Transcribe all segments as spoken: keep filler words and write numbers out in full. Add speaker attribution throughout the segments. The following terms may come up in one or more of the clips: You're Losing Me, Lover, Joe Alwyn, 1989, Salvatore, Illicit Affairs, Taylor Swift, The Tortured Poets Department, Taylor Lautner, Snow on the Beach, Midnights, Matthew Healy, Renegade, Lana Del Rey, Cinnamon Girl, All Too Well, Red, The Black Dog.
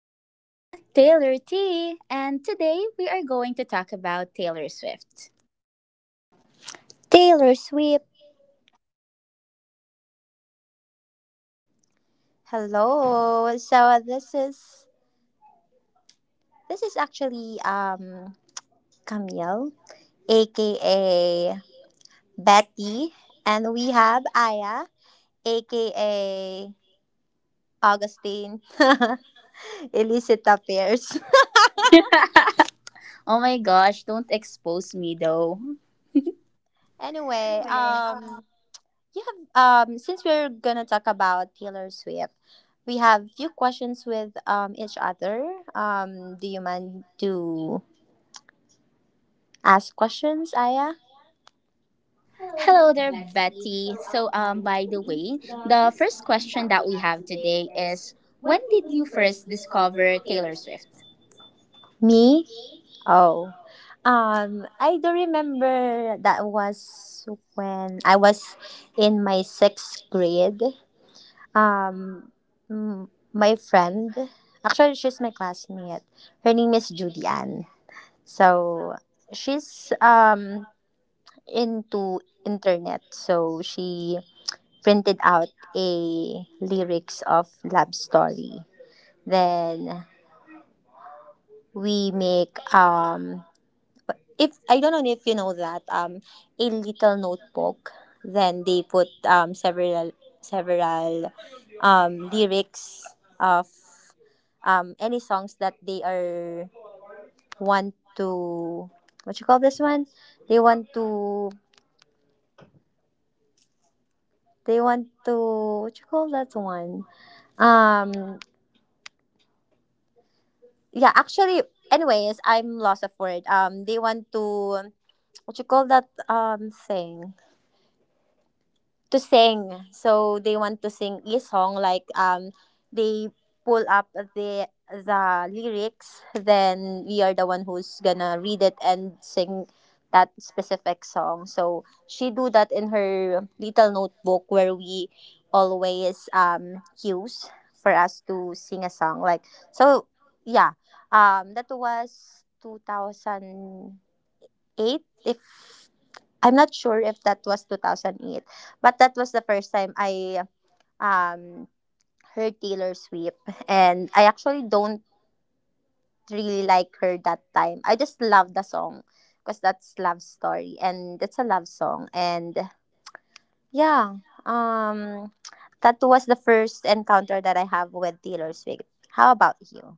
Speaker 1: We are the Taylor T, and today we are going to talk about Taylor Swift.
Speaker 2: Taylor Swift. Hello. So this is this is actually um Camille, aka Betty, and we have Aya, aka Augustine. Illicit affairs.
Speaker 1: Oh my gosh, don't expose me though.
Speaker 2: anyway, um, you have um, since we're gonna talk about Taylor Swift, we have few questions with um each other. Um, do you mind to ask questions, Aya?
Speaker 1: Hello there, Betty. So, um, by the way, the first question that we have today is when did you first discover Taylor Swift?
Speaker 2: Me? Oh, um, I do remember that was when I was in my sixth grade. Um, m- my friend, actually, she's my classmate. Her name is Judy Ann. So she's um into internet. So she printed out a lyrics of love story. Then we make um if I don't know if you know that um a little notebook then they put um several several um lyrics of um any songs that they are want to what you call this one they want to they want to what you call that one um yeah actually anyways I'm lost of word um they want to what you call that um thing to sing. So they want to sing a song like um they pull up the the lyrics, then we are the one who's gonna read it and sing that specific song. So she do that in her little notebook where we always um use for us to sing a song. Like so yeah. Um that was two thousand eight if I'm not sure if that was two thousand eight, but that was the first time I um heard Taylor Swift and I actually don't really like her that time. I just love the song because that's love story and it's a love song and yeah, um that was the first encounter that I have with Taylor Swift. How about you?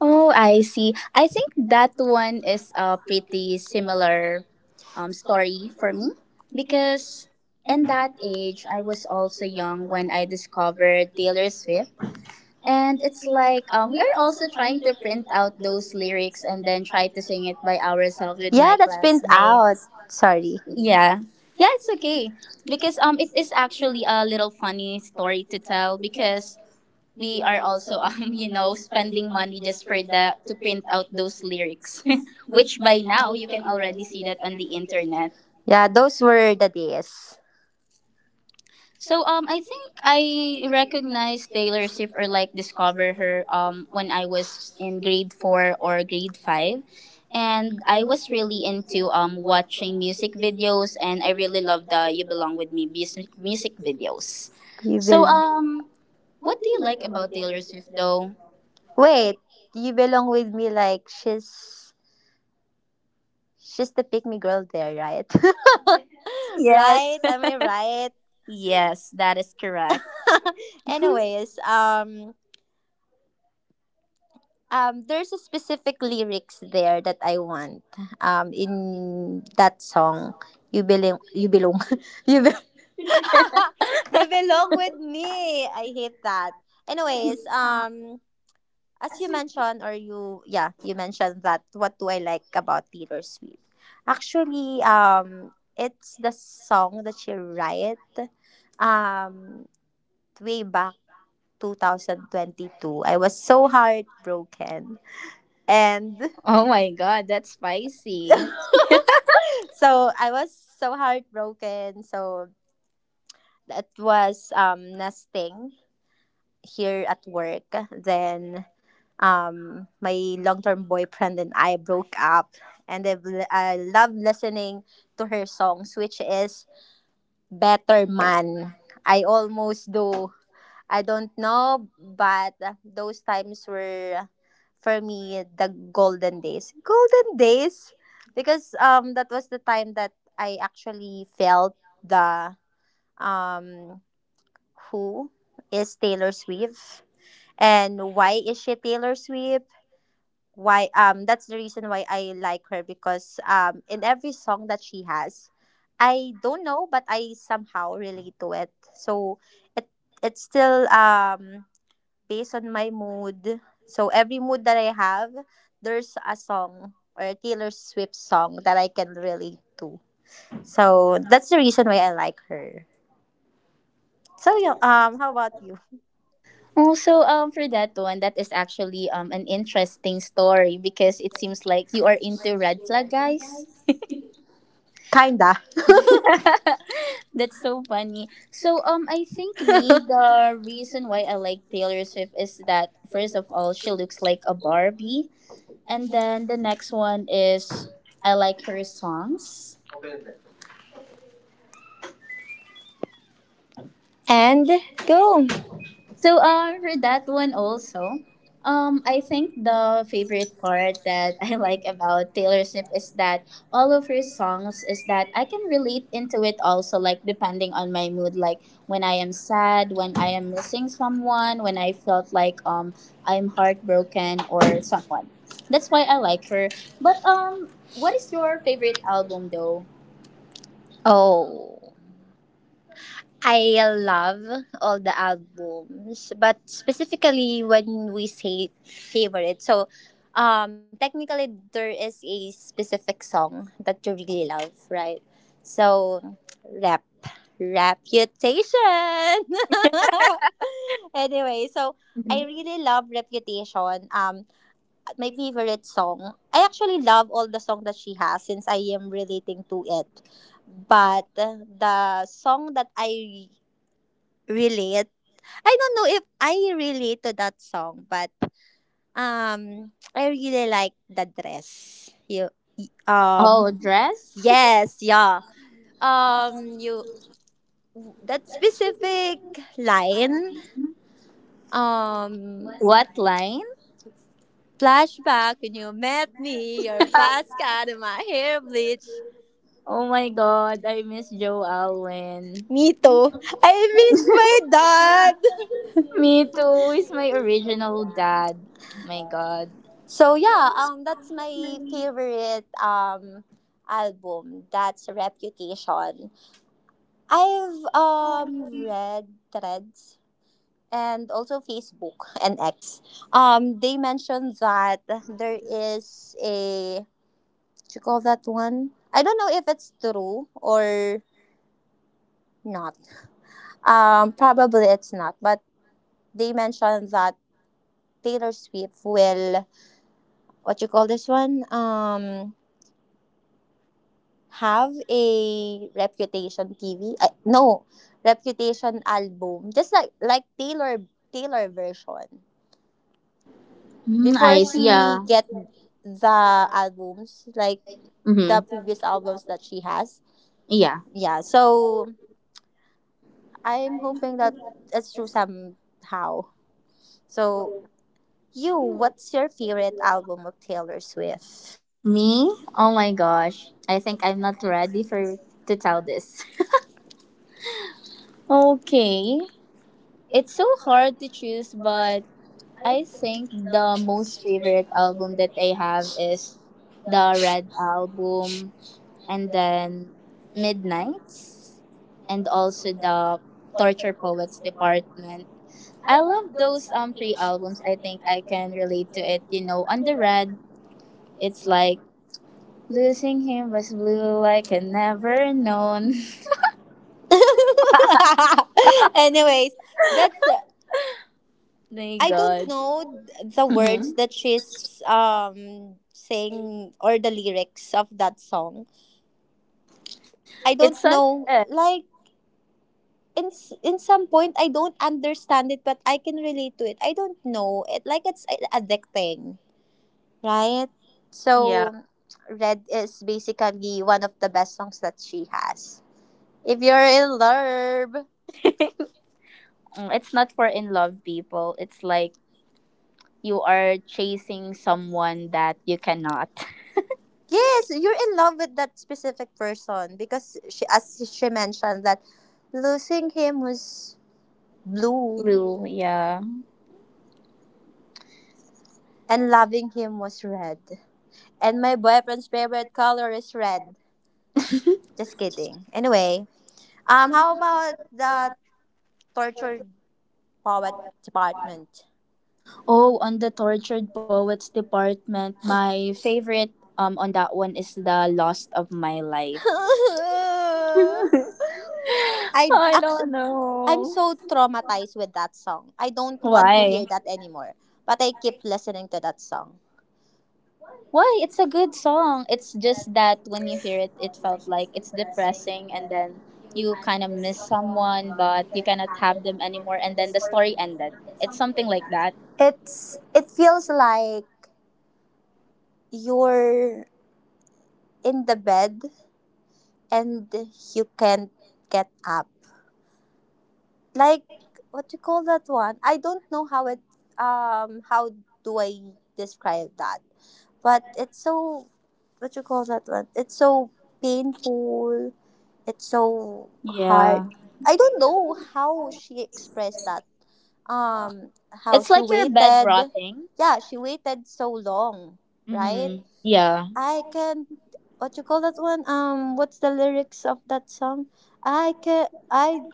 Speaker 1: Oh, I see. I think that one is a pretty similar um, story for me because in that age, I was also young when I discovered Taylor Swift. And it's like um, we are also trying to print out those lyrics and then try to sing it by ourselves with
Speaker 2: Yeah,
Speaker 1: my.
Speaker 2: that's print out. Sorry.
Speaker 1: Yeah. Yeah, it's okay. Because um, it is actually a little funny story to tell because we are also um you know spending money just for the to print out those lyrics which by now you can already see that on the internet.
Speaker 2: Yeah, those were the days.
Speaker 1: So um I think I recognized Taylor Swift or like discover her um when I was in grade four or grade five, and I was really into um watching music videos and I really loved the You Belong With Me music music videos.
Speaker 2: You
Speaker 1: So
Speaker 2: will
Speaker 1: um what do you like about Taylor Swift though?
Speaker 2: wait. You belong with me. Like she's she's the pick me girl there, right?
Speaker 1: Yes.
Speaker 2: Right? Am I right?
Speaker 1: Yes, that is correct.
Speaker 2: Anyways, um, um, there's a specific lyrics there that I want. Um, in that song, you belong. You belong. You be- you belong with me. I hate that. Anyways, um. as you mentioned or you yeah you mentioned that what do I like about Taylor Swift? Actually um it's the song that she write um way back twenty twenty-two. I was so heartbroken and
Speaker 1: Oh my god, that's spicy.
Speaker 2: so i was so heartbroken. So that was um nesting here at work. Then um, my long-term boyfriend and I broke up, and I've, li- love listening to her songs, which is "Better Man." I almost do. I don't know, but those times were for me the golden days. Golden days, because um, that was the time that I actually felt the um, who is Taylor Swift and why is she Taylor Swift? Why um that's the reason why I like her, because um in every song that she has, I don't know but I somehow relate to it. So it it's still um based on my mood. So every mood that I have, there's a song or a Taylor Swift song that I can relate to. So that's the reason why I like her. So yeah, um how about you?
Speaker 1: Also, um, for that one, that is actually um an interesting story because it seems like you are into red flag guys.
Speaker 2: Kinda.
Speaker 1: That's so
Speaker 2: So, um,
Speaker 1: funny. So
Speaker 2: I
Speaker 1: um I think
Speaker 2: I think
Speaker 1: me the
Speaker 2: the reason
Speaker 1: reason
Speaker 2: why
Speaker 1: why I like Taylor
Speaker 2: like
Speaker 1: Swift
Speaker 2: is
Speaker 1: is
Speaker 2: that
Speaker 1: that
Speaker 2: first
Speaker 1: first
Speaker 2: of
Speaker 1: of all
Speaker 2: all, she
Speaker 1: she
Speaker 2: was
Speaker 1: looks
Speaker 2: like
Speaker 1: like
Speaker 2: a
Speaker 1: a
Speaker 2: Barbie.
Speaker 1: Barbie, and then the next one is I like her songs.
Speaker 2: And go.
Speaker 1: So uh, for that one also, um, I think the favorite part that I like about Taylor Swift is that all of her songs is that I can relate into it also, like depending on my mood, like when I am sad, when I am missing someone, when I felt like um I'm heartbroken or someone. That's why I like her. But um, what is your favorite album though?
Speaker 2: Oh, I love all the albums, but specifically when we say favorite, so um, technically there is a specific song that you really love, right? So, rep. Reputation. Anyway, so I
Speaker 1: Mhm.
Speaker 2: really love Reputation. Um, my favorite song. I actually love all the song that she has since I am relating to it. But uh, the song that I relate, I don't know if I relate to that song, but um, I really like the dress. You, um,
Speaker 1: Oh, dress.
Speaker 2: yes, yeah. Um, you that specific line. Um,
Speaker 1: What line?
Speaker 2: Flashback when you met me, your basket and my hair bleach.
Speaker 1: Oh my god, I miss Joe Alwyn.
Speaker 2: Me too. I miss my dad.
Speaker 1: Me too, he's my original dad. My god.
Speaker 2: So yeah, um, that's my favorite um album. That's Reputation. I've um read threads and also Facebook and X. Um, they mentioned that there is a what you call that one. I don't know if it's true or not. Um, probably it's not, but they mentioned that Taylor Swift will what you call this one? Um, have a reputation T V. Uh, no, reputation album, just like like Taylor Taylor version.
Speaker 1: Mm,
Speaker 2: Before
Speaker 1: eyes, yeah.
Speaker 2: she get the albums, like the
Speaker 1: Mm-hmm.
Speaker 2: previous albums that she has.
Speaker 1: Yeah.
Speaker 2: Yeah, so I'm hoping that it's true somehow. So you, what's your favorite album of Taylor Swift?
Speaker 1: Me? Oh my gosh. I think I'm not ready for to tell this. Okay. It's so hard to choose, but I think the most favorite album that I have is the Red Album, and then Midnights, and also the Torture Poets Department. I love those um three albums. I think I can relate to it. You know, on the red, it's like losing him was blue like I never known.
Speaker 2: Anyways, that's uh,
Speaker 1: My
Speaker 2: I don't
Speaker 1: God,
Speaker 2: know th- the words
Speaker 1: hmm,
Speaker 2: that she's um saying or the lyrics of that song. I don't
Speaker 1: it's on
Speaker 2: know
Speaker 1: red.
Speaker 2: like in s- in some point I don't understand it but I can relate to it. I don't know it like it's a- addicting, right? So
Speaker 1: Yeah,
Speaker 2: Red is basically one of the best songs that she has. If you're in love.
Speaker 1: mm, it's not for in love people. It's like you are chasing someone that you cannot.
Speaker 2: Yes, you're in love with that specific person because she, as she mentioned, that losing him was blue
Speaker 1: Blue, yeah.
Speaker 2: and loving him was red. And my boyfriend's favorite color is red. Just kidding. Anyway, um, how about the tortured poet department?
Speaker 1: Oh, on the tortured poets department, my favorite um on that one is the lost of my life.
Speaker 2: I
Speaker 1: I don't
Speaker 2: actually, I'm
Speaker 1: know
Speaker 2: so traumatized with that song. I don't want to
Speaker 1: why.
Speaker 2: hear that anymore. But I keep listening to that song.
Speaker 1: Why? It's a good song. It's just that when you hear it, it felt like it's depressing, and then you kind of miss someone, but you cannot have them anymore, and then the story ended. It's something like that.
Speaker 2: It's it feels like you're in the bed and you can't get up. Like what you call that one? I don't know how it um how do I describe that? But it's so what you call that one? It's so painful. It's so hard.
Speaker 1: Yeah.
Speaker 2: I don't know how she expressed that. Um how
Speaker 1: It's
Speaker 2: she
Speaker 1: like your bed
Speaker 2: waited.
Speaker 1: rotting.
Speaker 2: Yeah, she waited so long, right?
Speaker 1: Mm-hmm. Yeah.
Speaker 2: I can what you call that one? Um, what's the lyrics of that song? I can I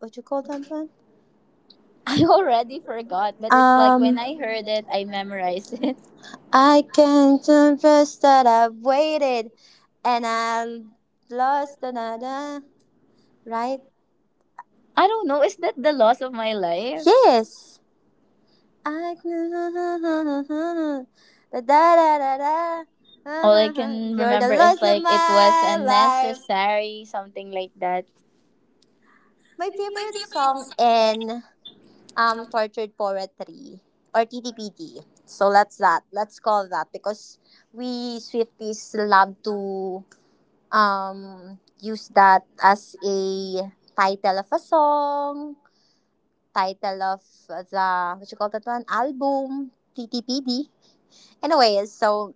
Speaker 2: what you call that one?
Speaker 1: I already forgot, but it's. When
Speaker 2: Um,
Speaker 1: I heard it, I memorized it.
Speaker 2: I can confess that I've waited and I lost another. Right?
Speaker 1: I don't know, is that the loss of my life?
Speaker 2: Yes. I can. Da da da da da.
Speaker 1: All I can
Speaker 2: You're the
Speaker 1: remember is
Speaker 2: loss of
Speaker 1: like it was
Speaker 2: my life.
Speaker 1: unnecessary, something like that.
Speaker 2: My favorite song in um tortured poetry or T T P T. So let's that let's call that because we Swifties love to um use that as a title of a song, title of the what you call that one album T T P D. Anyway, so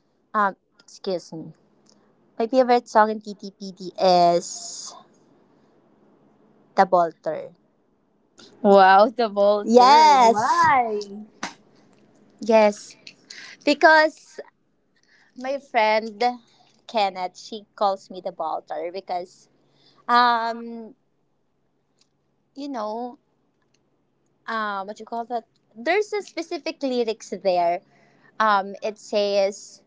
Speaker 2: um excuse me. My favorite song in T T P D is The Bolter.
Speaker 1: Wow, the bolter.
Speaker 2: Yes.
Speaker 1: Why?
Speaker 2: Yes. Because my friend Kenneth, she calls me the Baltar because um you know um what you call that, there's a specific lyrics there, um it says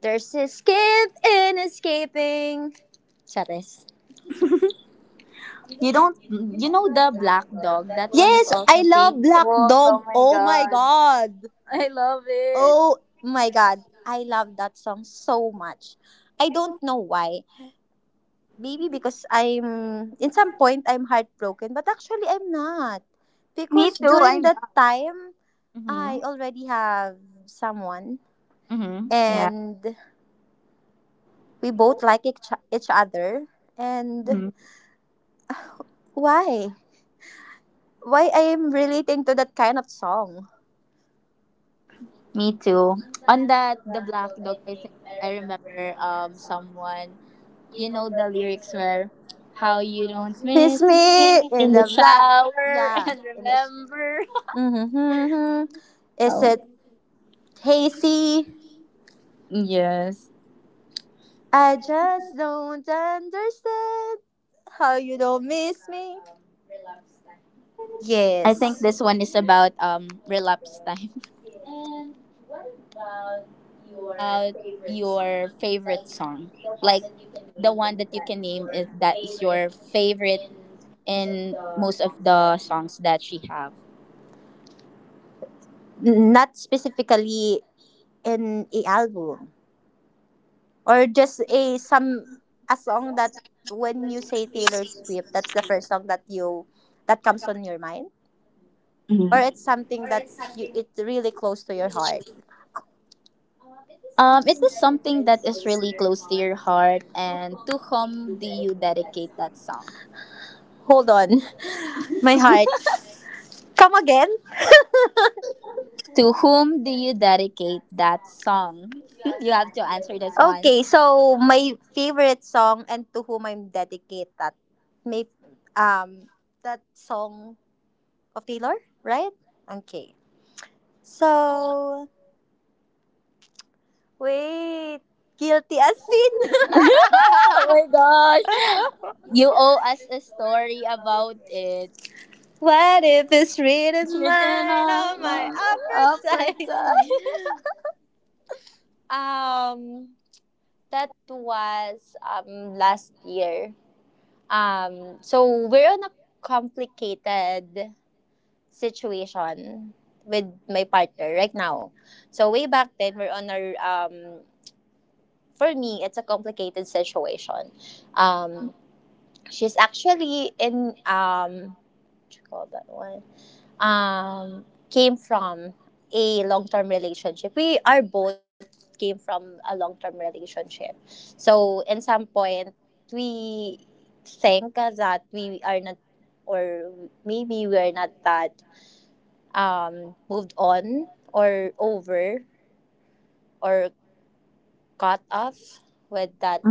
Speaker 2: there's escape in escaping Charis.
Speaker 1: You don't you know the black dog? That one is
Speaker 2: Yes,
Speaker 1: also
Speaker 2: I love Black
Speaker 1: painful. Oh
Speaker 2: Dog.
Speaker 1: my
Speaker 2: Oh my
Speaker 1: god.
Speaker 2: god.
Speaker 1: I love it.
Speaker 2: Oh my god. I love that song so much. I don't know why. Maybe because I'm, in some point, I'm heartbroken, but actually, I'm not.
Speaker 1: Me
Speaker 2: Because
Speaker 1: too.
Speaker 2: during
Speaker 1: I'm
Speaker 2: that time,
Speaker 1: mm-hmm.
Speaker 2: I already have someone
Speaker 1: Mm-hmm. Yeah.
Speaker 2: and we both like each, each other. And
Speaker 1: Mhm.
Speaker 2: why? Why I'm relating to that kind of song?
Speaker 1: Me too. On that, the black dog, I think I remember um someone, you know the lyrics were how you don't
Speaker 2: Miss
Speaker 1: miss
Speaker 2: me in
Speaker 1: in the
Speaker 2: the black.
Speaker 1: shower
Speaker 2: Yeah.
Speaker 1: and
Speaker 2: In the sh-
Speaker 1: remember.
Speaker 2: Mm-hmm. Mm-hmm. Is
Speaker 1: Oh,
Speaker 2: it hazy?
Speaker 1: yes.
Speaker 2: I just don't understand how you don't miss me.
Speaker 1: I think this one
Speaker 2: Yes.
Speaker 1: is about um relapse time. Oh my god. And what about your favorite song, like the one that you can name is that is your favorite in most of the songs that she have.
Speaker 2: Not specifically in a album or just a some a song that when you say Taylor Swift, that's the first song that you that comes on your mind or it's something that you it's really close to your heart.
Speaker 1: Um, it is something that is really close to your heart. And to whom do you dedicate that song?
Speaker 2: Hold on. My heart. Come again?
Speaker 1: To whom do you dedicate that song? You have to answer this
Speaker 2: Okay,
Speaker 1: one.
Speaker 2: so my favorite song and to whom I'm dedicated. May um that song of Taylor, right? Okay. So wait, guilty as sin.
Speaker 1: Oh my gosh. You owe us a story about it.
Speaker 2: What if it's written
Speaker 1: Written
Speaker 2: mine on
Speaker 1: on
Speaker 2: my
Speaker 1: a upper
Speaker 2: appetite?
Speaker 1: time.
Speaker 2: Um, that was um last year. Um, so we're on a complicated situation with my partner right now. So way back then, we're on our um for me, it's a complicated situation. Um, she's actually in um what you call that one um came from a long term relationship. We are both came from a long term relationship. So in some point, we think that we are not or maybe we're not that um, moved on or over or cut off with that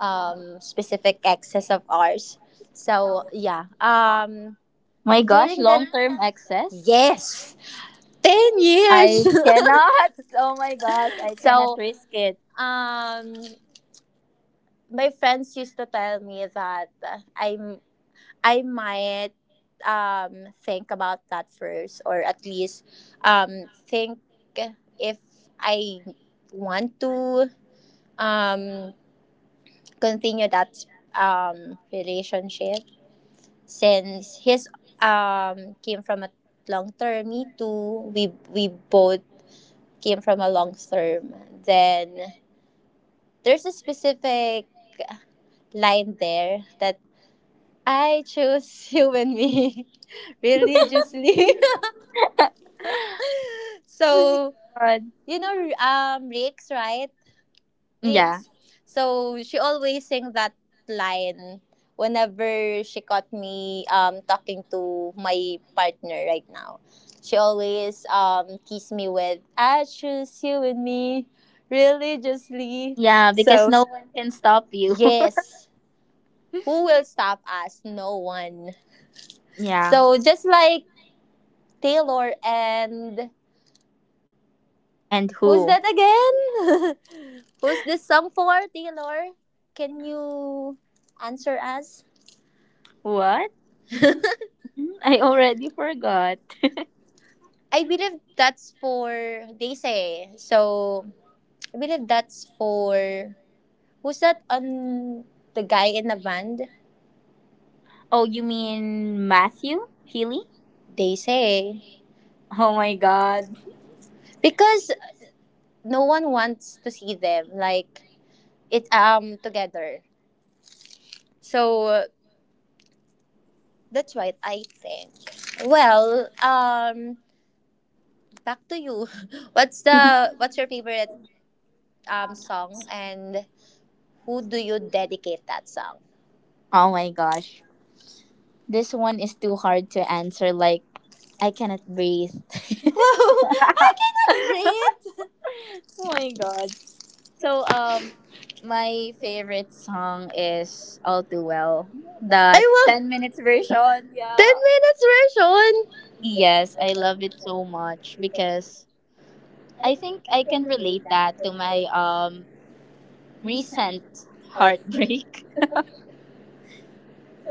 Speaker 2: um, specific excess of ours. So yeah, um,
Speaker 1: My gosh,
Speaker 2: during
Speaker 1: long
Speaker 2: that,
Speaker 1: term excess?
Speaker 2: yes, ten
Speaker 1: I
Speaker 2: years.
Speaker 1: cannot. Oh my gosh, I cannot
Speaker 2: so
Speaker 1: risk it.
Speaker 2: um, my friends used to tell me that I'm I might um, think about that first or at least um, think if I want to um continue that um relationship since his um came from a long term, me too, we we both came from a long term. Then there's a specific line there that I choose you and me religiously.
Speaker 1: Oh my
Speaker 2: So
Speaker 1: God.
Speaker 2: you know um rick's right.
Speaker 1: Yeah.
Speaker 2: Ricks. So she always sing that line whenever she caught me um, talking to my partner right now. She always um, teased me with, I choose you and me religiously.
Speaker 1: Yeah, because
Speaker 2: So,
Speaker 1: no one can stop you.
Speaker 2: yes. Who will stop us? No one.
Speaker 1: Yeah.
Speaker 2: So just like Taylor and
Speaker 1: And
Speaker 2: who's
Speaker 1: who?
Speaker 2: that again? Who's this song for, Taylor? Can you answer us?
Speaker 1: What? Hmm, I already forgot.
Speaker 2: I believe that's for they say. So I believe that's for who's that on the guy in the band?
Speaker 1: Oh, you mean Matthew Healy?
Speaker 2: They say
Speaker 1: Oh my god.
Speaker 2: because no one wants to see them like it um together. So uh, that's right. I think. Well, um, back to you. What's the what's your favorite um, song and who do you dedicate that song?
Speaker 1: Oh my gosh. This one is too hard to answer. Like, I cannot breathe.
Speaker 2: Wow, I cannot breathe.
Speaker 1: Oh my god. So, um, my favorite song is All Too Well. The
Speaker 2: I will.
Speaker 1: ten minutes version.
Speaker 2: ten
Speaker 1: Yeah.
Speaker 2: minutes version.
Speaker 1: Yes, I love it so much because I think I can relate that to my um recent heartbreak.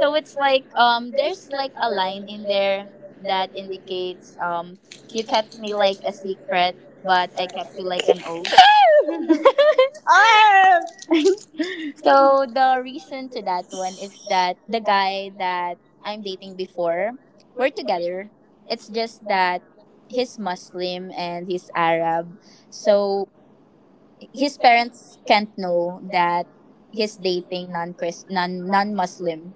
Speaker 1: So it's like um there's like a line in there that indicates um
Speaker 2: You
Speaker 1: you
Speaker 2: can
Speaker 1: kept me
Speaker 2: do like
Speaker 1: like
Speaker 2: a
Speaker 1: a
Speaker 2: secret,
Speaker 1: secret
Speaker 2: but
Speaker 1: but I kept you like
Speaker 2: or
Speaker 1: an oath. So the reason to that one is that the guy that I'm dating before, we're together. It's just that he's Muslim and he's Arab. So his parents can't know that he's dating non Chris non non Muslim.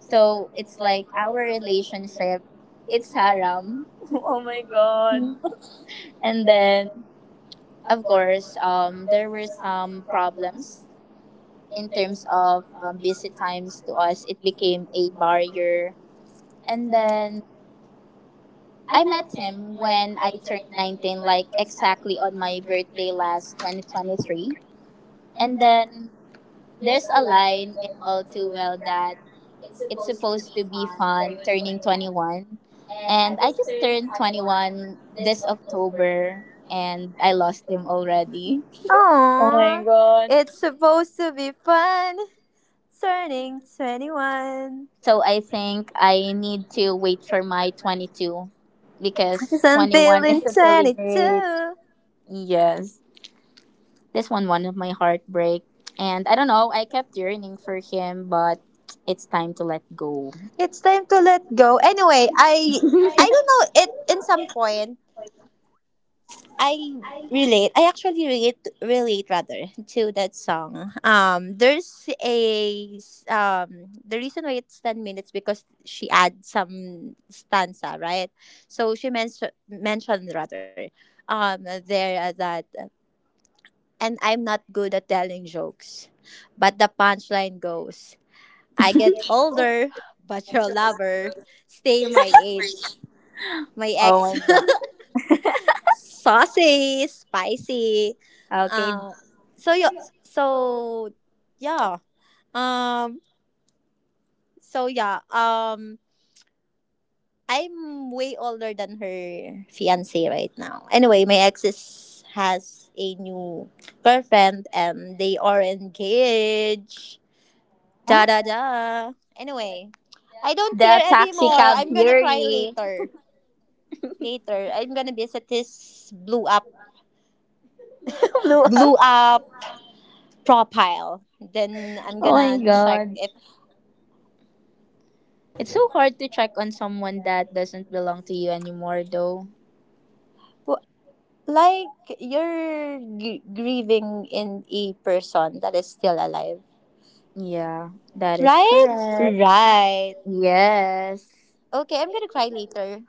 Speaker 1: So it's like our relationship, it's haram. Oh my god.
Speaker 2: Oh.
Speaker 1: And then of course, um there were some problems in terms of um, busy times to us. It became a barrier. And then I met him when I turned nineteen, like exactly on my birthday last twenty twenty-three. And then there's a line in All Too Well that it's supposed to be fun turning twenty-one. And I just turned twenty-one this October and I lost him already. Oh my
Speaker 2: Aww.
Speaker 1: god.
Speaker 2: It's supposed to be fun. Turning twenty-one.
Speaker 1: So I think I need to wait for my twenty-two because
Speaker 2: Cause I'm
Speaker 1: twenty-one
Speaker 2: feeling
Speaker 1: is a really great.
Speaker 2: twenty-two.
Speaker 1: Yes. This one, one of my heartbreak. And I don't know, I kept yearning for him, but it's time to let go.
Speaker 2: It's time to let go. Anyway,
Speaker 1: Oh
Speaker 2: I I don't know, it in some point I relate. I actually relate relate rather to that song. Um there's a s- um the reason why it's ten minutes because she adds some stanza, right? So she mentioned mentioned rather um there that, and I'm not good at telling jokes. But the punchline goes, I get older, but your lover stay my age. My
Speaker 1: my
Speaker 2: ex.
Speaker 1: god.
Speaker 2: Saucy, spicy.
Speaker 1: Okay.
Speaker 2: uh so yeah so yeah um so yeah um I'm way older than her fiance right now. Anyway, my ex is, has a new girlfriend and they are engaged, da da
Speaker 1: Aw.
Speaker 2: da. Anyway, I don't
Speaker 1: The
Speaker 2: care
Speaker 1: taxi
Speaker 2: anymore.
Speaker 1: cab
Speaker 2: I'm gonna cry
Speaker 1: fury
Speaker 2: later. Later, I'm gonna visit this blew up
Speaker 1: blew up.
Speaker 2: blew up profile. Then I'm
Speaker 1: Oh
Speaker 2: gonna
Speaker 1: my
Speaker 2: check
Speaker 1: god.
Speaker 2: if
Speaker 1: It's so hard to check on someone that doesn't belong to you anymore, though.
Speaker 2: w- like you're g- grieving in a person that is still alive,
Speaker 1: Yeah, that is
Speaker 2: right?
Speaker 1: correct.
Speaker 2: Right.
Speaker 1: Yes.
Speaker 2: Okay, I'm gonna cry later.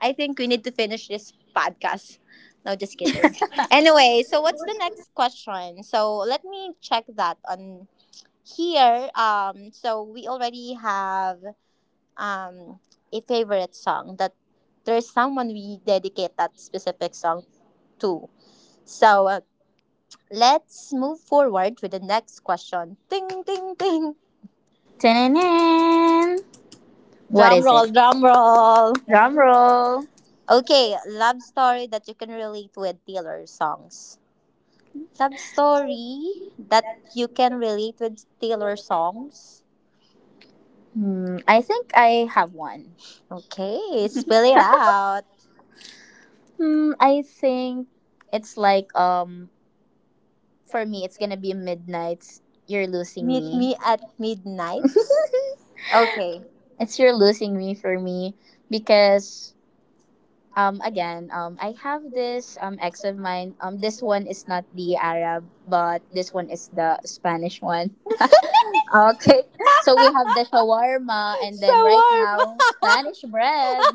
Speaker 2: I think we need to finish this podcast. No, just kidding. Anyway, so what's the next question? So let me check that on here. Um, so we already have um a favorite song that there's someone we dedicate that specific song to. So uh, let's move forward with the next question. Ding ding ding.
Speaker 1: Tananan. What
Speaker 2: Drum
Speaker 1: is it?
Speaker 2: roll, drum roll.
Speaker 1: Drum roll.
Speaker 2: Okay, love story that you can relate with Taylor songs. Love story that you can relate with Taylor songs.
Speaker 1: Hmm, I think I have one.
Speaker 2: Okay, spill it out.
Speaker 1: Hmm, I think it's like um for me it's gonna be midnight. You're losing
Speaker 2: Meet me
Speaker 1: me.
Speaker 2: at midnight. Okay.
Speaker 1: It's you're losing me for me because um again um I have this um ex of mine, um this one is not the Arab but this one is the Spanish one. Okay, so we have the shawarma and then right
Speaker 2: Shawarma.
Speaker 1: now Spanish bread.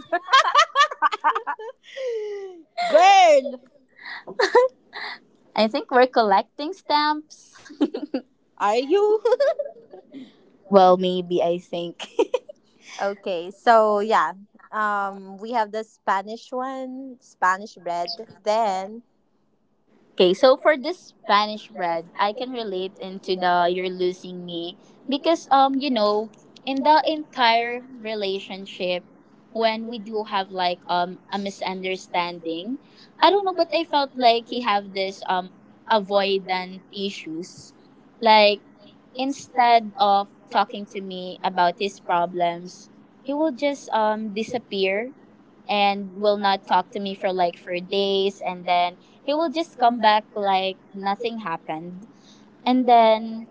Speaker 2: Girl,
Speaker 1: I think we're collecting stamps.
Speaker 2: are you?
Speaker 1: Well, maybe I think.
Speaker 2: Okay, so yeah. Um we have the Spanish one, Spanish bread. Then
Speaker 1: Okay, so for this Spanish bread, I can relate into the you're losing me because um you know in the entire relationship when we do have like um a misunderstanding, I don't know but I felt like he have this um avoidant issues. Like instead of talking to me about his problems, he will just um disappear and will not talk to me for like for days and then he will just come back like nothing happened. And then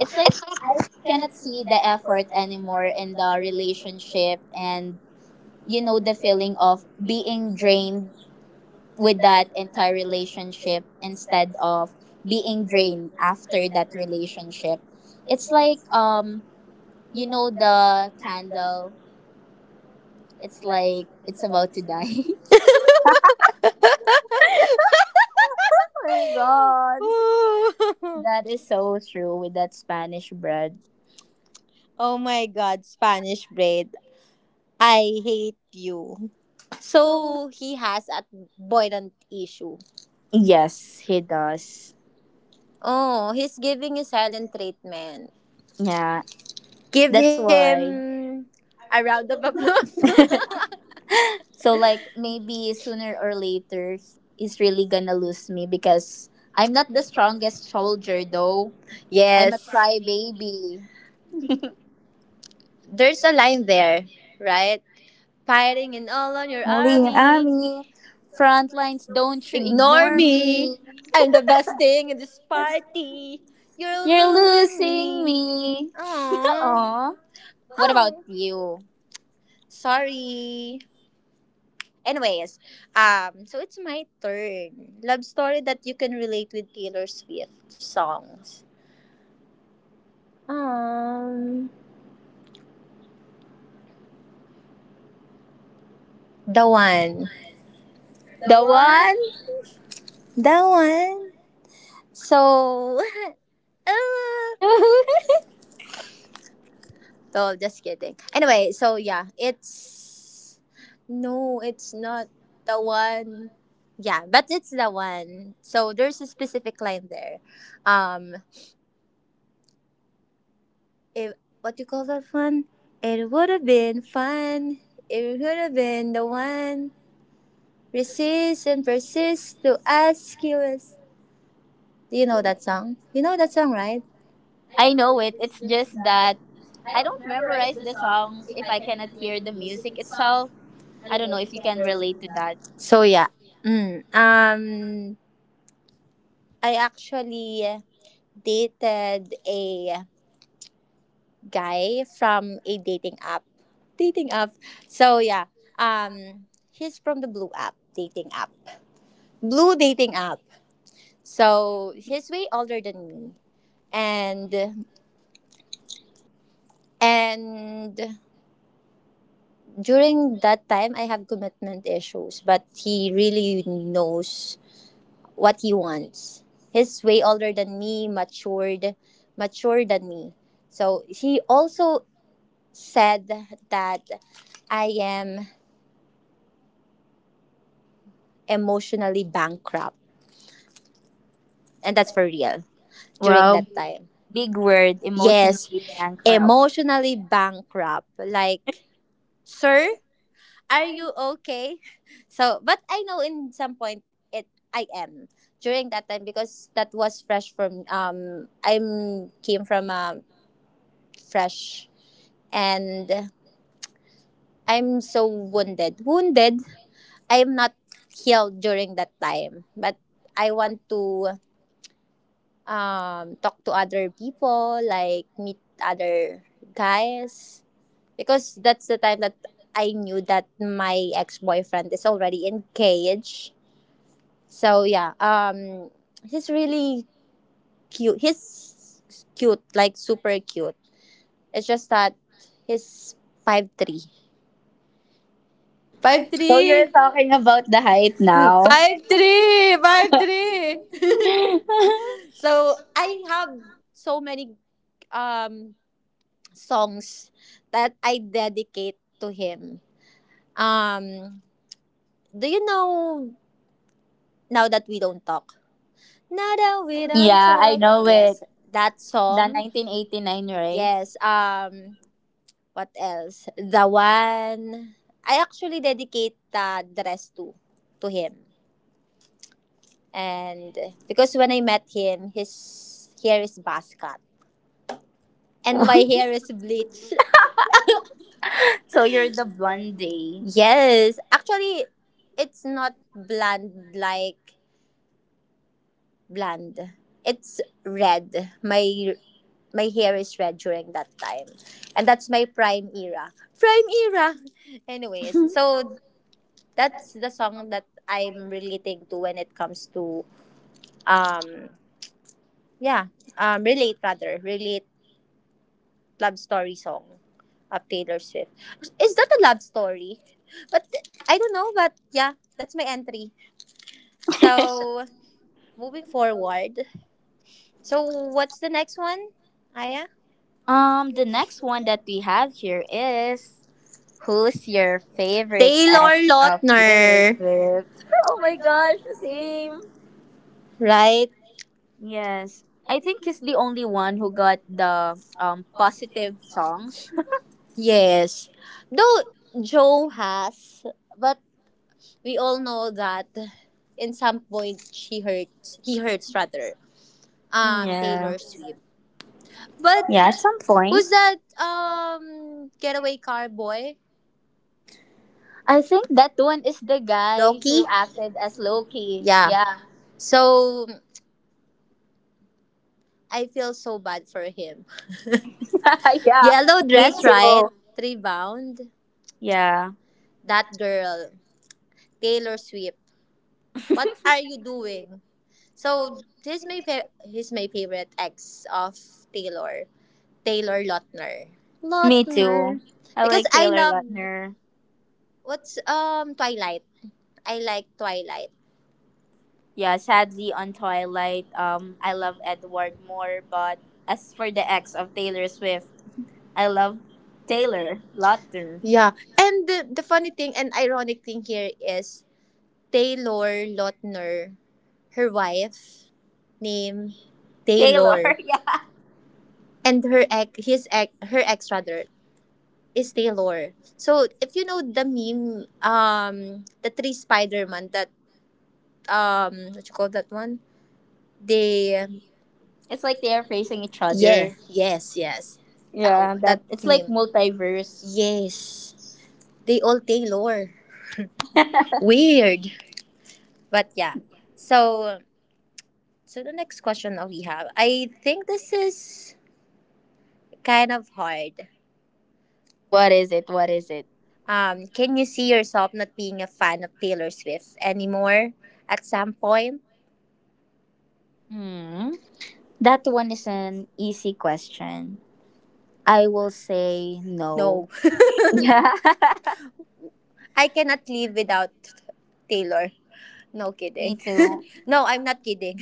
Speaker 1: it's like I cannot see the effort anymore in the relationship, and you know the feeling of being drained with that entire relationship instead of being drained after that relationship, it's like um you know the candle. It's like it's about to die. Oh my god. That is so true with that Spanish bread.
Speaker 2: oh my god, Spanish bread. I hate you. So he has a boilant issue.
Speaker 1: Yes, he does.
Speaker 2: Oh, he's giving you silent treatment.
Speaker 1: Yeah,
Speaker 2: Give
Speaker 1: that's why.
Speaker 2: him a round of applause.
Speaker 1: So like maybe sooner or later he's really gonna lose me because I'm not the strongest soldier though. I'm a
Speaker 2: Yes.
Speaker 1: crybaby.
Speaker 2: There's a line there, right? Fighting and all on your
Speaker 1: Holy
Speaker 2: army.
Speaker 1: army. Front lines, don't you
Speaker 2: Ignore
Speaker 1: ignore
Speaker 2: me.
Speaker 1: me.
Speaker 2: I'm the best thing in this party. You're
Speaker 1: You're
Speaker 2: losing
Speaker 1: losing
Speaker 2: me.
Speaker 1: me.
Speaker 2: Oh.
Speaker 1: Aw. What about
Speaker 2: Oh.
Speaker 1: you?
Speaker 2: Sorry. Anyways, um, so it's my turn. Love story that you can relate with Taylor Swift songs. Um, the one,
Speaker 1: The one?
Speaker 2: the one. So, uh, no, just kidding. Anyway, so yeah, it's no, it's not the one. Yeah, but it's the one. So there's a specific line there. Um, if what do you call that one? It would have been fun. It would have been the one. Resist and persist to ask you. Is, do you know that song? You know that song, right?
Speaker 1: I know it. It's just that I don't memorize the song if I cannot hear the music itself. I don't know if you can relate to that.
Speaker 2: So yeah. Mm, um I actually dated a guy from a dating app. Dating app. So yeah. Um he's from the blue app dating app. Blue dating app. So he's way older than me. And and during that time I have commitment issues, but he really knows what he wants. He's way older than me, matured, mature than me. So he also said that I am emotionally bankrupt, and that's for real during
Speaker 1: Well,
Speaker 2: that time.
Speaker 1: big word, emotion
Speaker 2: Yes,
Speaker 1: bankrupt.
Speaker 2: emotionally bankrupt. Like, sir, are you okay? So, but I know in some point it I am during that time because that was fresh from um I'm came from um fresh and I'm so wounded. Wounded. I am not healed during that time, but I want to um, talk to other people, like meet other guys, because that's the time that I knew that my ex boyfriend is already engaged. So yeah, um, he's really cute. He's cute, like super cute. It's just that he's five three. Five
Speaker 1: So you're
Speaker 2: three.
Speaker 1: talking about the height now.
Speaker 2: Five three. Five three. So I have so many um songs that I dedicate to him. Um, do you know now that we don't talk? Now that we don't
Speaker 1: Yeah, I
Speaker 2: talk.
Speaker 1: know
Speaker 2: Yes,
Speaker 1: it.
Speaker 2: that
Speaker 1: The
Speaker 2: song.
Speaker 1: nineteen eighty-nine,
Speaker 2: Yes. Um, what else? The one I actually dedicate uh, the rest to to him. And because when I met him, his hair is buzz cut and my
Speaker 1: right?
Speaker 2: hair is bleached.
Speaker 1: So you're the blondie.
Speaker 2: Yes, actually, it's not blonde like blonde. It's red. My my hair is red during that time, and that's my prime era. Prime era. Anyways, so that's the song that I'm relating to when it comes to um yeah um relate rather relate love story song. Of Taylor Swift. Is that a love story? But th- I don't know, but yeah, that's my entry. So moving forward. So what's the next one, Aya?
Speaker 1: Um, the next one that we have here is who's your favorite
Speaker 2: Taylor
Speaker 1: ex of
Speaker 2: Lautner.
Speaker 1: Swift? Oh my gosh, same.
Speaker 2: Right?
Speaker 1: Yes, I think he's the only one who got the um positive songs.
Speaker 2: Yes. Though Joe has, but we all know that in some point she hurts he hurts rather. Um,
Speaker 1: Yeah,
Speaker 2: Taylor Swift. But
Speaker 1: yeah, at some point.
Speaker 2: who's that um getaway car boy?
Speaker 1: I think that one is the guy
Speaker 2: Loki?
Speaker 1: who acted as Loki.
Speaker 2: Yeah.
Speaker 1: Yeah,
Speaker 2: So I feel so bad for him.
Speaker 1: yeah,
Speaker 2: Yellow
Speaker 1: me
Speaker 2: dress, right?
Speaker 1: too.
Speaker 2: Rebound.
Speaker 1: Yeah,
Speaker 2: That girl, Taylor Swift. What are you doing? So he's my fa- he's my favorite ex of Taylor, Taylor Lautner.
Speaker 1: me too.
Speaker 2: Lautner.
Speaker 1: I
Speaker 2: Because
Speaker 1: like
Speaker 2: I
Speaker 1: Taylor
Speaker 2: love
Speaker 1: Lautner.
Speaker 2: what's um Twilight. I like Twilight.
Speaker 1: Yeah, sadly on Twilight, um, I love Edward more, but as for the ex of Taylor Swift, I love Taylor Lautner.
Speaker 2: Yeah. And the, the funny thing and ironic thing here is Taylor Lautner, her wife, name,
Speaker 1: Taylor,
Speaker 2: Taylor,
Speaker 1: yeah.
Speaker 2: and her ex, his ex, her ex rather is Taylor. So if you know the meme, um, the three Spider-Man that um, what you call that one? They
Speaker 1: It's like they are facing each
Speaker 2: yeah,
Speaker 1: other.
Speaker 2: yes, yes, that
Speaker 1: Yeah,
Speaker 2: that
Speaker 1: that it's like
Speaker 2: meme.
Speaker 1: multiverse.
Speaker 2: Yes, they all Taylor. Weird, but yeah. So So the next question that we have, I think this is kind of hard.
Speaker 1: What is it? What is it?
Speaker 2: Um, can you see yourself not being a fan of Taylor Swift anymore at some point?
Speaker 1: Hmm. That one is an easy question. I will say no.
Speaker 2: No.
Speaker 1: Yeah.
Speaker 2: I cannot live without Taylor. No
Speaker 1: Me
Speaker 2: kidding.
Speaker 1: too.
Speaker 2: No, I'm not kidding.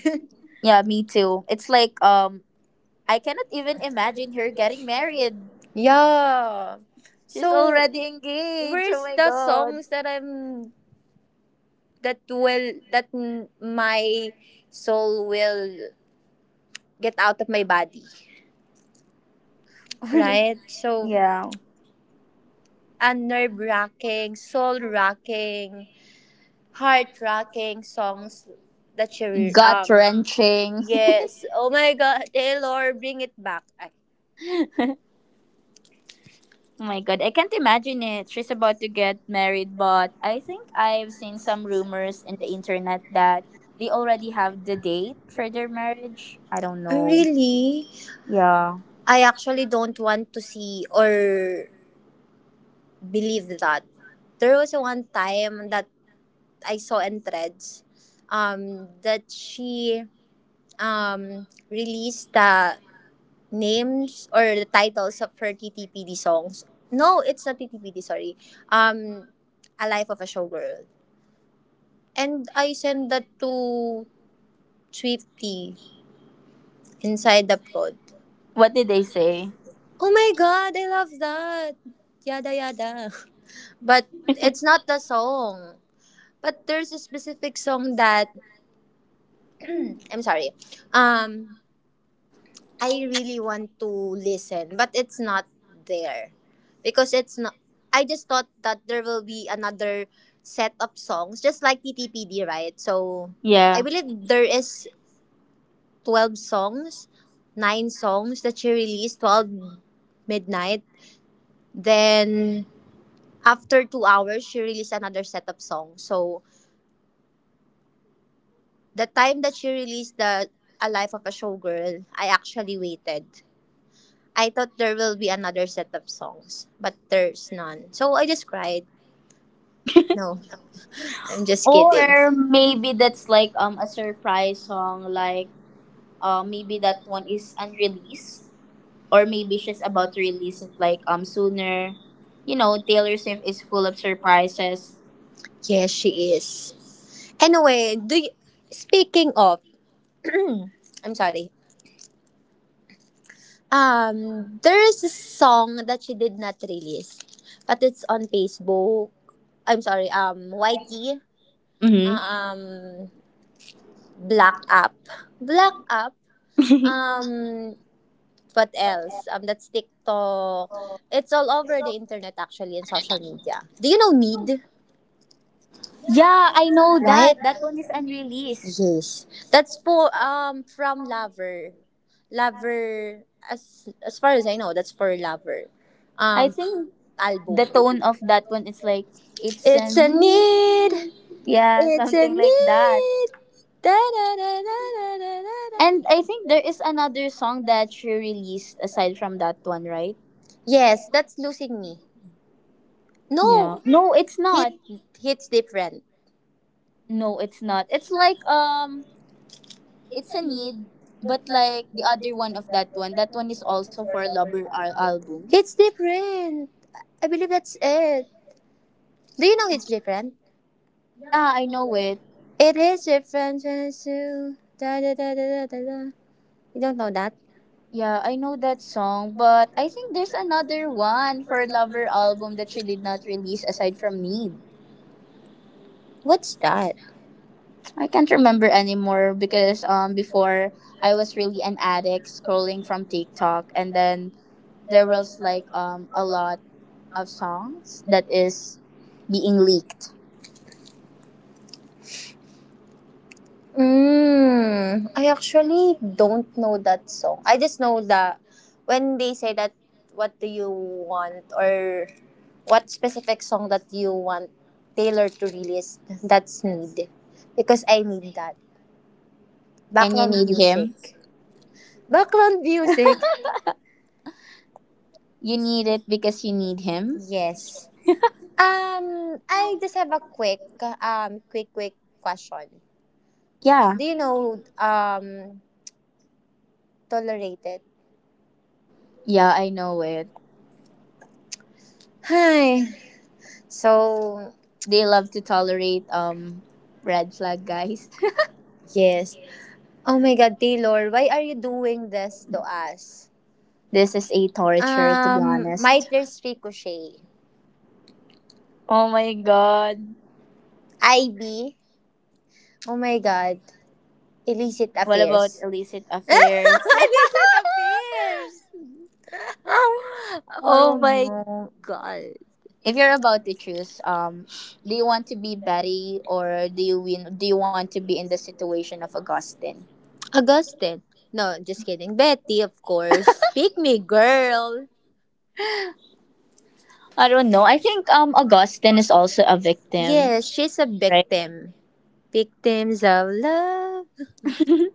Speaker 1: Yeah, me too. It's like um I cannot even imagine her getting married.
Speaker 2: Yeah.
Speaker 1: She's
Speaker 2: So
Speaker 1: already engaged. Oh
Speaker 2: where's
Speaker 1: my
Speaker 2: the
Speaker 1: god.
Speaker 2: songs that I'm that will that m- my soul will get out of my body? Right? So,
Speaker 1: Yeah.
Speaker 2: a nerve wracking, soul wracking, heart wracking songs that she
Speaker 1: Gut
Speaker 2: um
Speaker 1: wrenching.
Speaker 2: yes. Oh my God, Taylor, bring it back. Ay,
Speaker 1: Oh my god, I can't imagine it. She's about to get married, but I think I've seen some rumors in the internet that they already have the date for their marriage. I don't
Speaker 2: "Oh,
Speaker 1: know.
Speaker 2: really?
Speaker 1: Yeah.
Speaker 2: I actually don't want to see or believe that. There was one time that I saw in threads, um, that she um released the names or the titles of her T T P D songs. No, it's not T T P D, sorry. Um, A Life of a Showgirl. And I sent that to Swifty inside the pod.
Speaker 1: What did they say?
Speaker 2: Oh my God, I love that. Yada yada. But it's not the song. But there's a specific song that I'm sorry. Um, I really want to listen, but it's not there because it's not. I just thought that there will be another set of songs, just like T T P D, right? So I
Speaker 1: Yeah.
Speaker 2: believe there is twelve songs, nine songs that she released, twelve midnight. Then after two hours, she released another set of songs. So the time that she released the A Life of a Showgirl, I actually waited. I thought there will be another set of songs, but there's none. So I just cried. No, I'm just kidding.
Speaker 1: Or
Speaker 2: Or
Speaker 1: maybe
Speaker 2: maybe
Speaker 1: that's
Speaker 2: like
Speaker 1: like
Speaker 2: like.
Speaker 1: um
Speaker 2: um,
Speaker 1: a
Speaker 2: a surprise
Speaker 1: surprise
Speaker 2: song,
Speaker 1: song
Speaker 2: like.
Speaker 1: like uh maybe that one is unreleased or maybe she's about to release it like um sooner. You know, Taylor Swift is full of surprises.
Speaker 2: Yes, she is. Anyway, do you, speaking of, I'm sorry. Um, there is a song that she did not release, but it's on Facebook. I'm sorry. Um, Y T.
Speaker 1: Mm-hmm.
Speaker 2: Um, Black Up. Black Up. Um, What else? Um, that's TikTok. It's all over the internet actually and social media. Do you know Need?
Speaker 1: Yeah, I know
Speaker 2: Right?
Speaker 1: that. That one is unreleased.
Speaker 2: Yes. That's for um from Lover. Lover as as far as I know, that's for Lover.
Speaker 1: I
Speaker 2: Um,
Speaker 1: think the
Speaker 2: album.
Speaker 1: tone of that one is like it's an
Speaker 2: It's a need.
Speaker 1: yeah,
Speaker 2: It's a
Speaker 1: something like that.
Speaker 2: need. Da, da, da, da, da, da, da.
Speaker 1: And I think there is another song that she released aside from that one, right?
Speaker 2: Yes, that's losing me. No,
Speaker 1: Yeah. No, it's
Speaker 2: hit
Speaker 1: not.
Speaker 2: hits different.
Speaker 1: No, it's not. It's like um it's a need, but like the other one of that one, that one is also for a Lover al- album.
Speaker 2: Hits different. I believe that's it. Do you know hits different?
Speaker 1: Yeah, I know it.
Speaker 2: It is different. Da, da, da, da, da, da, da. You don't know that?
Speaker 1: Yeah, I know that song, but I think there's another one for Lover album that she did not release aside from Need.
Speaker 2: What's that?
Speaker 1: I can't remember anymore because um before I was really an addict scrolling from TikTok and then there was like um a lot of songs that is being leaked
Speaker 2: Mm, I actually don't know that song. I just know that when they say that what do you want or what specific song that you want Taylor to release, that's need. Because I need that.
Speaker 1: and you
Speaker 2: Background
Speaker 1: need him.
Speaker 2: music. Background music.
Speaker 1: You need it because you need him.
Speaker 2: Yes. Um, I just have a quick um quick quick question.
Speaker 1: Yeah.
Speaker 2: Do you know um tolerated?
Speaker 1: Yeah, I know it.
Speaker 2: Hi. So
Speaker 1: They love to tolerate um red flag guys.
Speaker 2: yes. Oh my God, Taylor, why are you doing this to us?
Speaker 1: This is a torture to be
Speaker 2: Um,
Speaker 1: honest.
Speaker 2: Mitres Ricochet,
Speaker 1: Oh my god.
Speaker 2: I B, oh my God, Illicit
Speaker 1: What about
Speaker 2: Affairs.
Speaker 1: illicit affairs?
Speaker 2: Illicit Affairs!
Speaker 1: I
Speaker 2: Oh
Speaker 1: don't
Speaker 2: my
Speaker 1: know.
Speaker 2: God.
Speaker 1: If you're about to choose, um, do you want to be Betty or do you win? Do you want to be in the situation of Augustine?
Speaker 2: Augustine. No, just kidding. Betty, of course. Pick me, girl.
Speaker 1: I don't know. I think um Augustine is also a victim,
Speaker 2: Yes, she's a
Speaker 1: right?
Speaker 2: victim. Victims of love.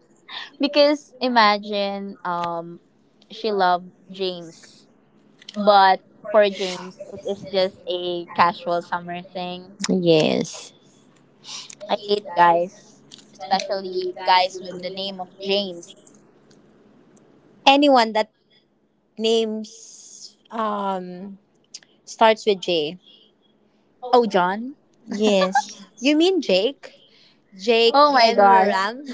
Speaker 1: Because imagine um she loved James, but for James it is just a casual summer thing.
Speaker 2: Yes.
Speaker 1: I hate guys, especially guys with the name of James.
Speaker 2: Anyone that names um starts with J.
Speaker 1: Oh, John?
Speaker 2: Yes. You mean Jake? Jake
Speaker 1: Oh my
Speaker 2: and
Speaker 1: god.
Speaker 2: Ram?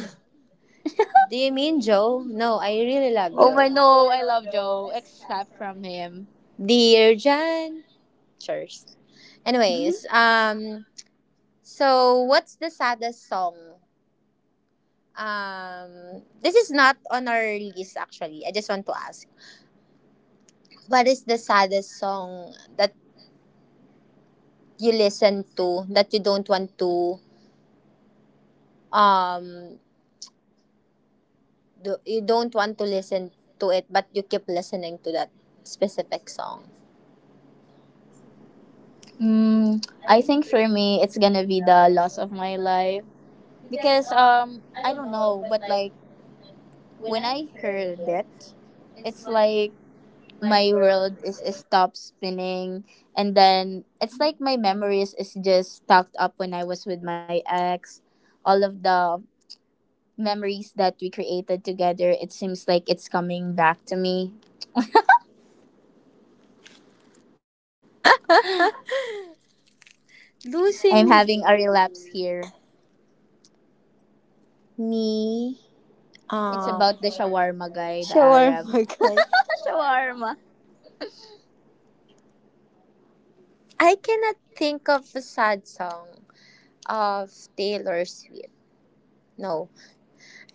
Speaker 2: Do you mean Joe? No, I really love
Speaker 1: Oh my
Speaker 2: Joe.
Speaker 1: no, I love Joe except from him.
Speaker 2: Dear Jan. Cheers. Anyways, um, so what's the saddest song? Um, this is not on our list actually. I just want to ask, what is the saddest song that you listen to that you don't want to um do, you don't want to listen to it, but you keep listening to that specific song.
Speaker 1: Mm, I think for me, it's gonna be the loss of my life because um I don't know, but like when I heard it, it's like my world is, is stopped spinning, and then it's like my memories is just stacked up when I was with my ex. All of the memories that we created together, it seems like it's coming back to me. I'm having
Speaker 2: Losing
Speaker 1: a relapse here.
Speaker 2: me,
Speaker 1: It's
Speaker 2: um,
Speaker 1: about the shawarma guy, the Arab.
Speaker 2: shawarma guy.
Speaker 1: Shawarma.
Speaker 2: I cannot think of a sad song of Taylor Swift. No,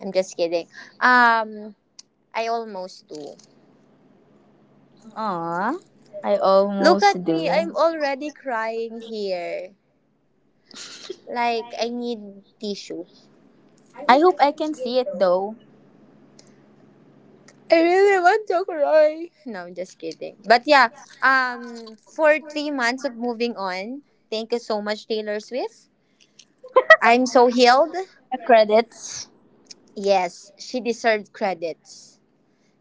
Speaker 2: I'm just kidding. Um, I almost do.
Speaker 1: Aw, I
Speaker 2: Look
Speaker 1: almost
Speaker 2: at
Speaker 1: do.
Speaker 2: me, I'm already crying here. Like I need tissue.
Speaker 1: I hope I can see it though.
Speaker 2: I really want to cry. No, I'm just kidding. But yeah, um, for three months of moving on, thank you so much, Taylor Swift. I'm so healed.
Speaker 1: The credits.
Speaker 2: Yes, she deserved credits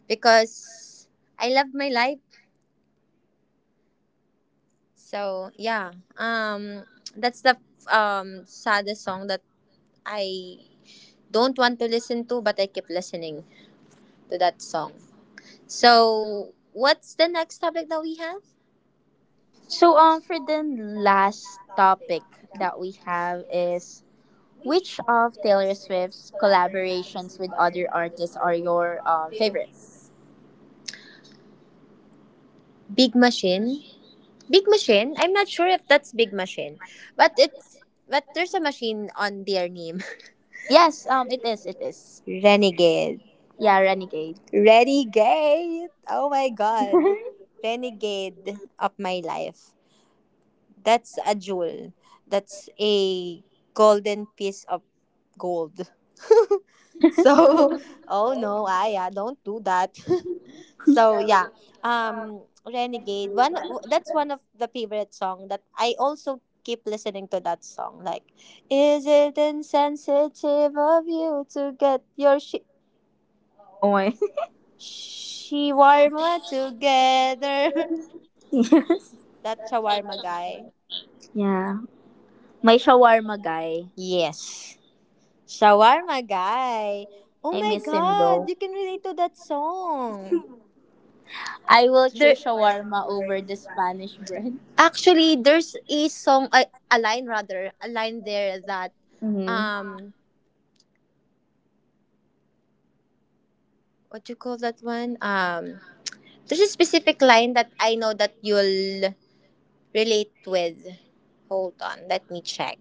Speaker 2: because I love my life. So yeah, um, that's the um saddest song that I don't want to listen to, but I keep listening to that song. So what's the next topic that we have?
Speaker 1: So um for the last topic that we have is, which of Taylor Swift's collaborations with other artists are your um, favorites?
Speaker 2: Big Machine. Big Machine? I'm not sure if that's Big Machine, but it's but there's a machine on their name.
Speaker 1: Yes, um, it is, it is.
Speaker 2: Renegade.
Speaker 1: Yeah, Renegade.
Speaker 2: Renegade. Oh my god. Renegade of my life. That's a jewel. That's a golden piece of gold. so, oh no, Aya, don't do that. So yeah, um, Renegade. One w- that's one of the favorite song that I also keep listening to that song. Like, is it insensitive of you to get your shi-
Speaker 1: Oh my.
Speaker 2: shawarma together?
Speaker 1: Yes.
Speaker 2: That shawarma guy.
Speaker 1: Yeah. My shawarma guy.
Speaker 2: Yes, shawarma guy. Oh
Speaker 1: I
Speaker 2: my
Speaker 1: miss him
Speaker 2: God,
Speaker 1: though.
Speaker 2: you can relate to that song.
Speaker 1: I will
Speaker 2: There
Speaker 1: choose shawarma over the Spanish bread.
Speaker 2: Actually, there's a song a, a line, rather, a line there that,
Speaker 1: Mm-hmm.
Speaker 2: um what do you call that one, um, there's a specific line that I know that you'll relate with. Hold on, let me check.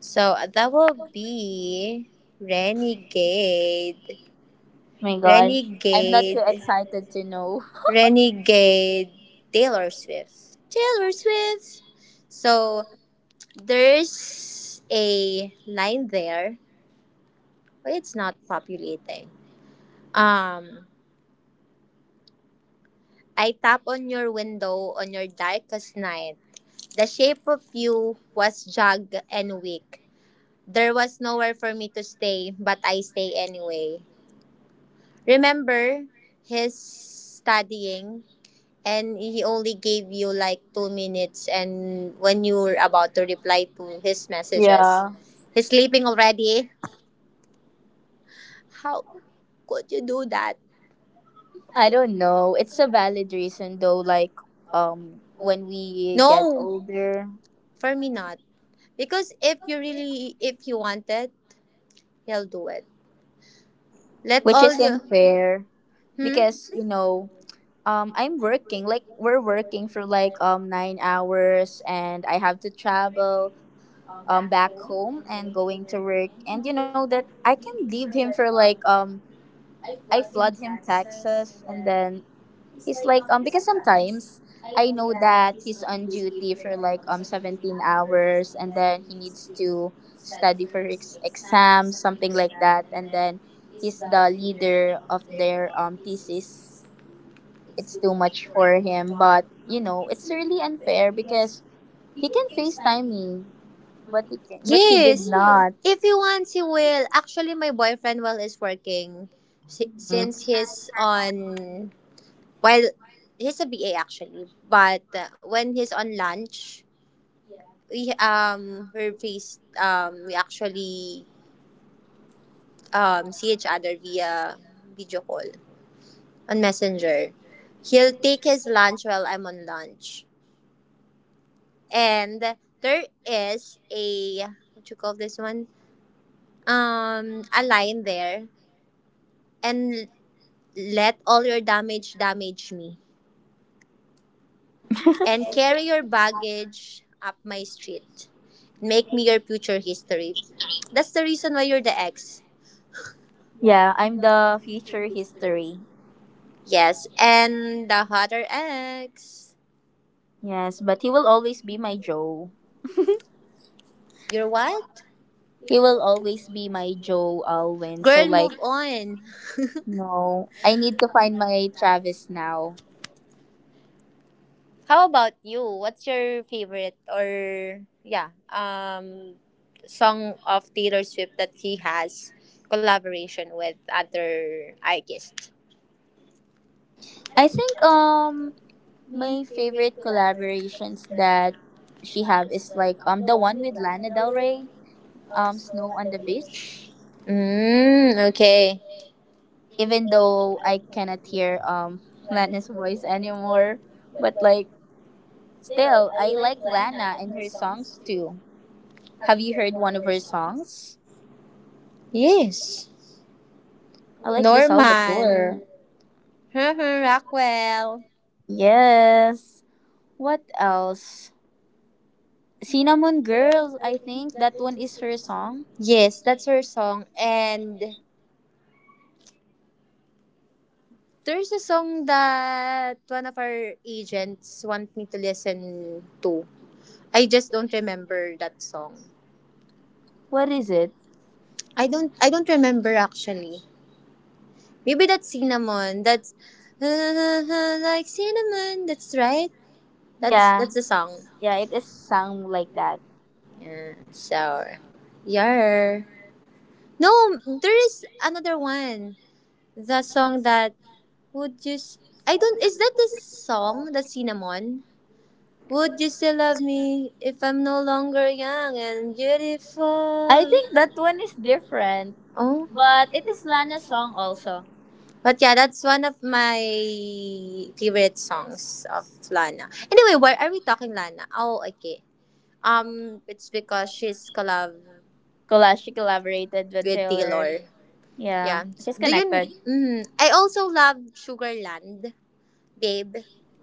Speaker 2: So that will be Renegade.
Speaker 1: My gosh. I'm not too
Speaker 2: Renegade,
Speaker 1: excited to know.
Speaker 2: Renegade. Taylor Swift, Taylor Swift. So there's a line there, but it's not populating. Um, I tap on your window on your darkest night. The shape of you was jagged and weak. There was nowhere for me to stay, but I stay anyway. Remember, he's studying and he only gave you like two minutes and when you were about to reply to his messages.
Speaker 1: Yeah.
Speaker 2: He's sleeping already. How could you do that?
Speaker 1: I don't know. It's a valid reason though, like um when we get
Speaker 2: No,
Speaker 1: older,
Speaker 2: for me not. Because if you really, if you wanted, he'll do it. Let
Speaker 1: which
Speaker 2: all you.
Speaker 1: isn't fair.
Speaker 2: Hmm?
Speaker 1: Because you know, um I'm working like we're working for like um nine hours, and I have to travel um back home and going to work, and you know that I can leave him for like um I flood him taxes. And then he's like um because sometimes I know that he's on duty for like um seventeen hours, and then he needs to study for ex- exams, something like that. And then he's the leader of their um thesis. It's too much for him. But you know, it's really unfair because he can FaceTime me, but he can, but he did
Speaker 2: Yes.
Speaker 1: not.
Speaker 2: If he wants, he will. Actually, my boyfriend while is working, si-
Speaker 1: Hmm.
Speaker 2: since he's on while he's a B A actually, but uh, when he's on lunch, we um we're faced um we actually um see each other via video call, on Messenger. He'll take his lunch while I'm on lunch. And there is a, what you call this one? Um, a line there. And let all your damage damage me. And carry your baggage up my street. Make me your future history. That's the reason why you're the ex.
Speaker 1: Yeah, I'm the future history.
Speaker 2: Yes, and the hotter ex.
Speaker 1: Yes, but he will always be my Joe.
Speaker 2: You're what?
Speaker 1: He will always be my Joe Alwyn. So
Speaker 2: Girl,
Speaker 1: like,
Speaker 2: move on.
Speaker 1: no, I need to find my Travis now.
Speaker 2: How about you? What's your favorite, or yeah, um song of Taylor Swift that he has collaboration with other artists?
Speaker 1: I think um my favorite collaborations that she have is like um the one with Lana Del Rey, um Snow on the Beach.
Speaker 2: Mm, okay.
Speaker 1: Even though I cannot hear um Lana's voice anymore. But like still I like Lana and her songs too. Have you heard one of her songs?
Speaker 2: Yes.
Speaker 1: I like the
Speaker 2: Norman.
Speaker 1: Salvatore.
Speaker 2: Rockwell.
Speaker 1: Yes. What else? Cinnamon Girl, I think that one is her song.
Speaker 2: Yes, that's her song. And there's a song that one of our agents want me to listen to. I just don't remember that song.
Speaker 1: What is it?
Speaker 2: I don't I don't remember actually. Maybe that's cinnamon. That's like cinnamon. That's right. That's
Speaker 1: Yeah.
Speaker 2: that's the song.
Speaker 1: Yeah, it is sung like that.
Speaker 2: Yeah. So, yeah. No, there is another one. The song that, would you? S- I don't. Is that the song? The cinnamon. Would you still love me if I'm no longer young and
Speaker 1: I
Speaker 2: beautiful?
Speaker 1: think that one is different.
Speaker 2: Oh.
Speaker 1: But it is Lana's song also.
Speaker 2: But yeah, that's one of my favorite songs of Lana. Anyway, why are we talking Lana? Oh, okay. Um, it's because she's collab
Speaker 1: Collage she collaborated with
Speaker 2: with
Speaker 1: Taylor.
Speaker 2: Taylor.
Speaker 1: Yeah.
Speaker 2: Yeah.
Speaker 1: She's
Speaker 2: Do you?
Speaker 1: connected.
Speaker 2: Mm, I also love Sugarland, babe.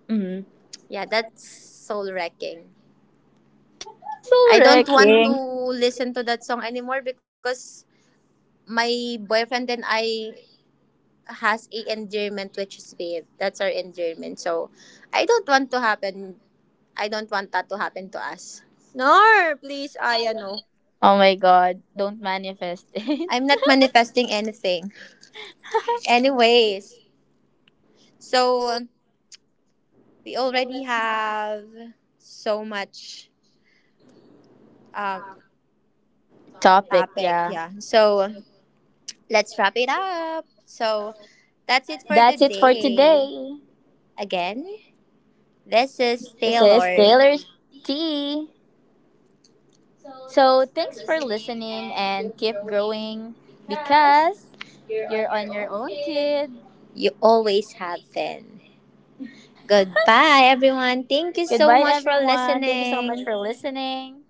Speaker 1: Mm.
Speaker 2: Yeah, that's soul wrecking.
Speaker 1: Puzzle
Speaker 2: I don't want to
Speaker 1: wrecking.
Speaker 2: listen to that song anymore because my boyfriend and I has a endearment which is babe. That's our endearment. So I don't want to happen I don't want that to happen to us. Nor, please, Aya. No,
Speaker 1: Oh my god, don't manifest it.
Speaker 2: I'm not manifesting anything. Anyways, so we already have so much, um,
Speaker 1: Topic,
Speaker 2: topic.
Speaker 1: yeah.
Speaker 2: Yeah. So let's wrap it up. So that's it for
Speaker 1: That's it for
Speaker 2: today.
Speaker 1: today.
Speaker 2: Again, this is
Speaker 1: This is
Speaker 2: Taylor.
Speaker 1: Taylor's Tea. So thanks for listening and keep growing because you're on your own, kid.
Speaker 2: You always have been. Goodbye, everyone. Thank you so
Speaker 1: Goodbye,
Speaker 2: much for
Speaker 1: everyone. Thank you so much
Speaker 2: listening.
Speaker 1: for listening.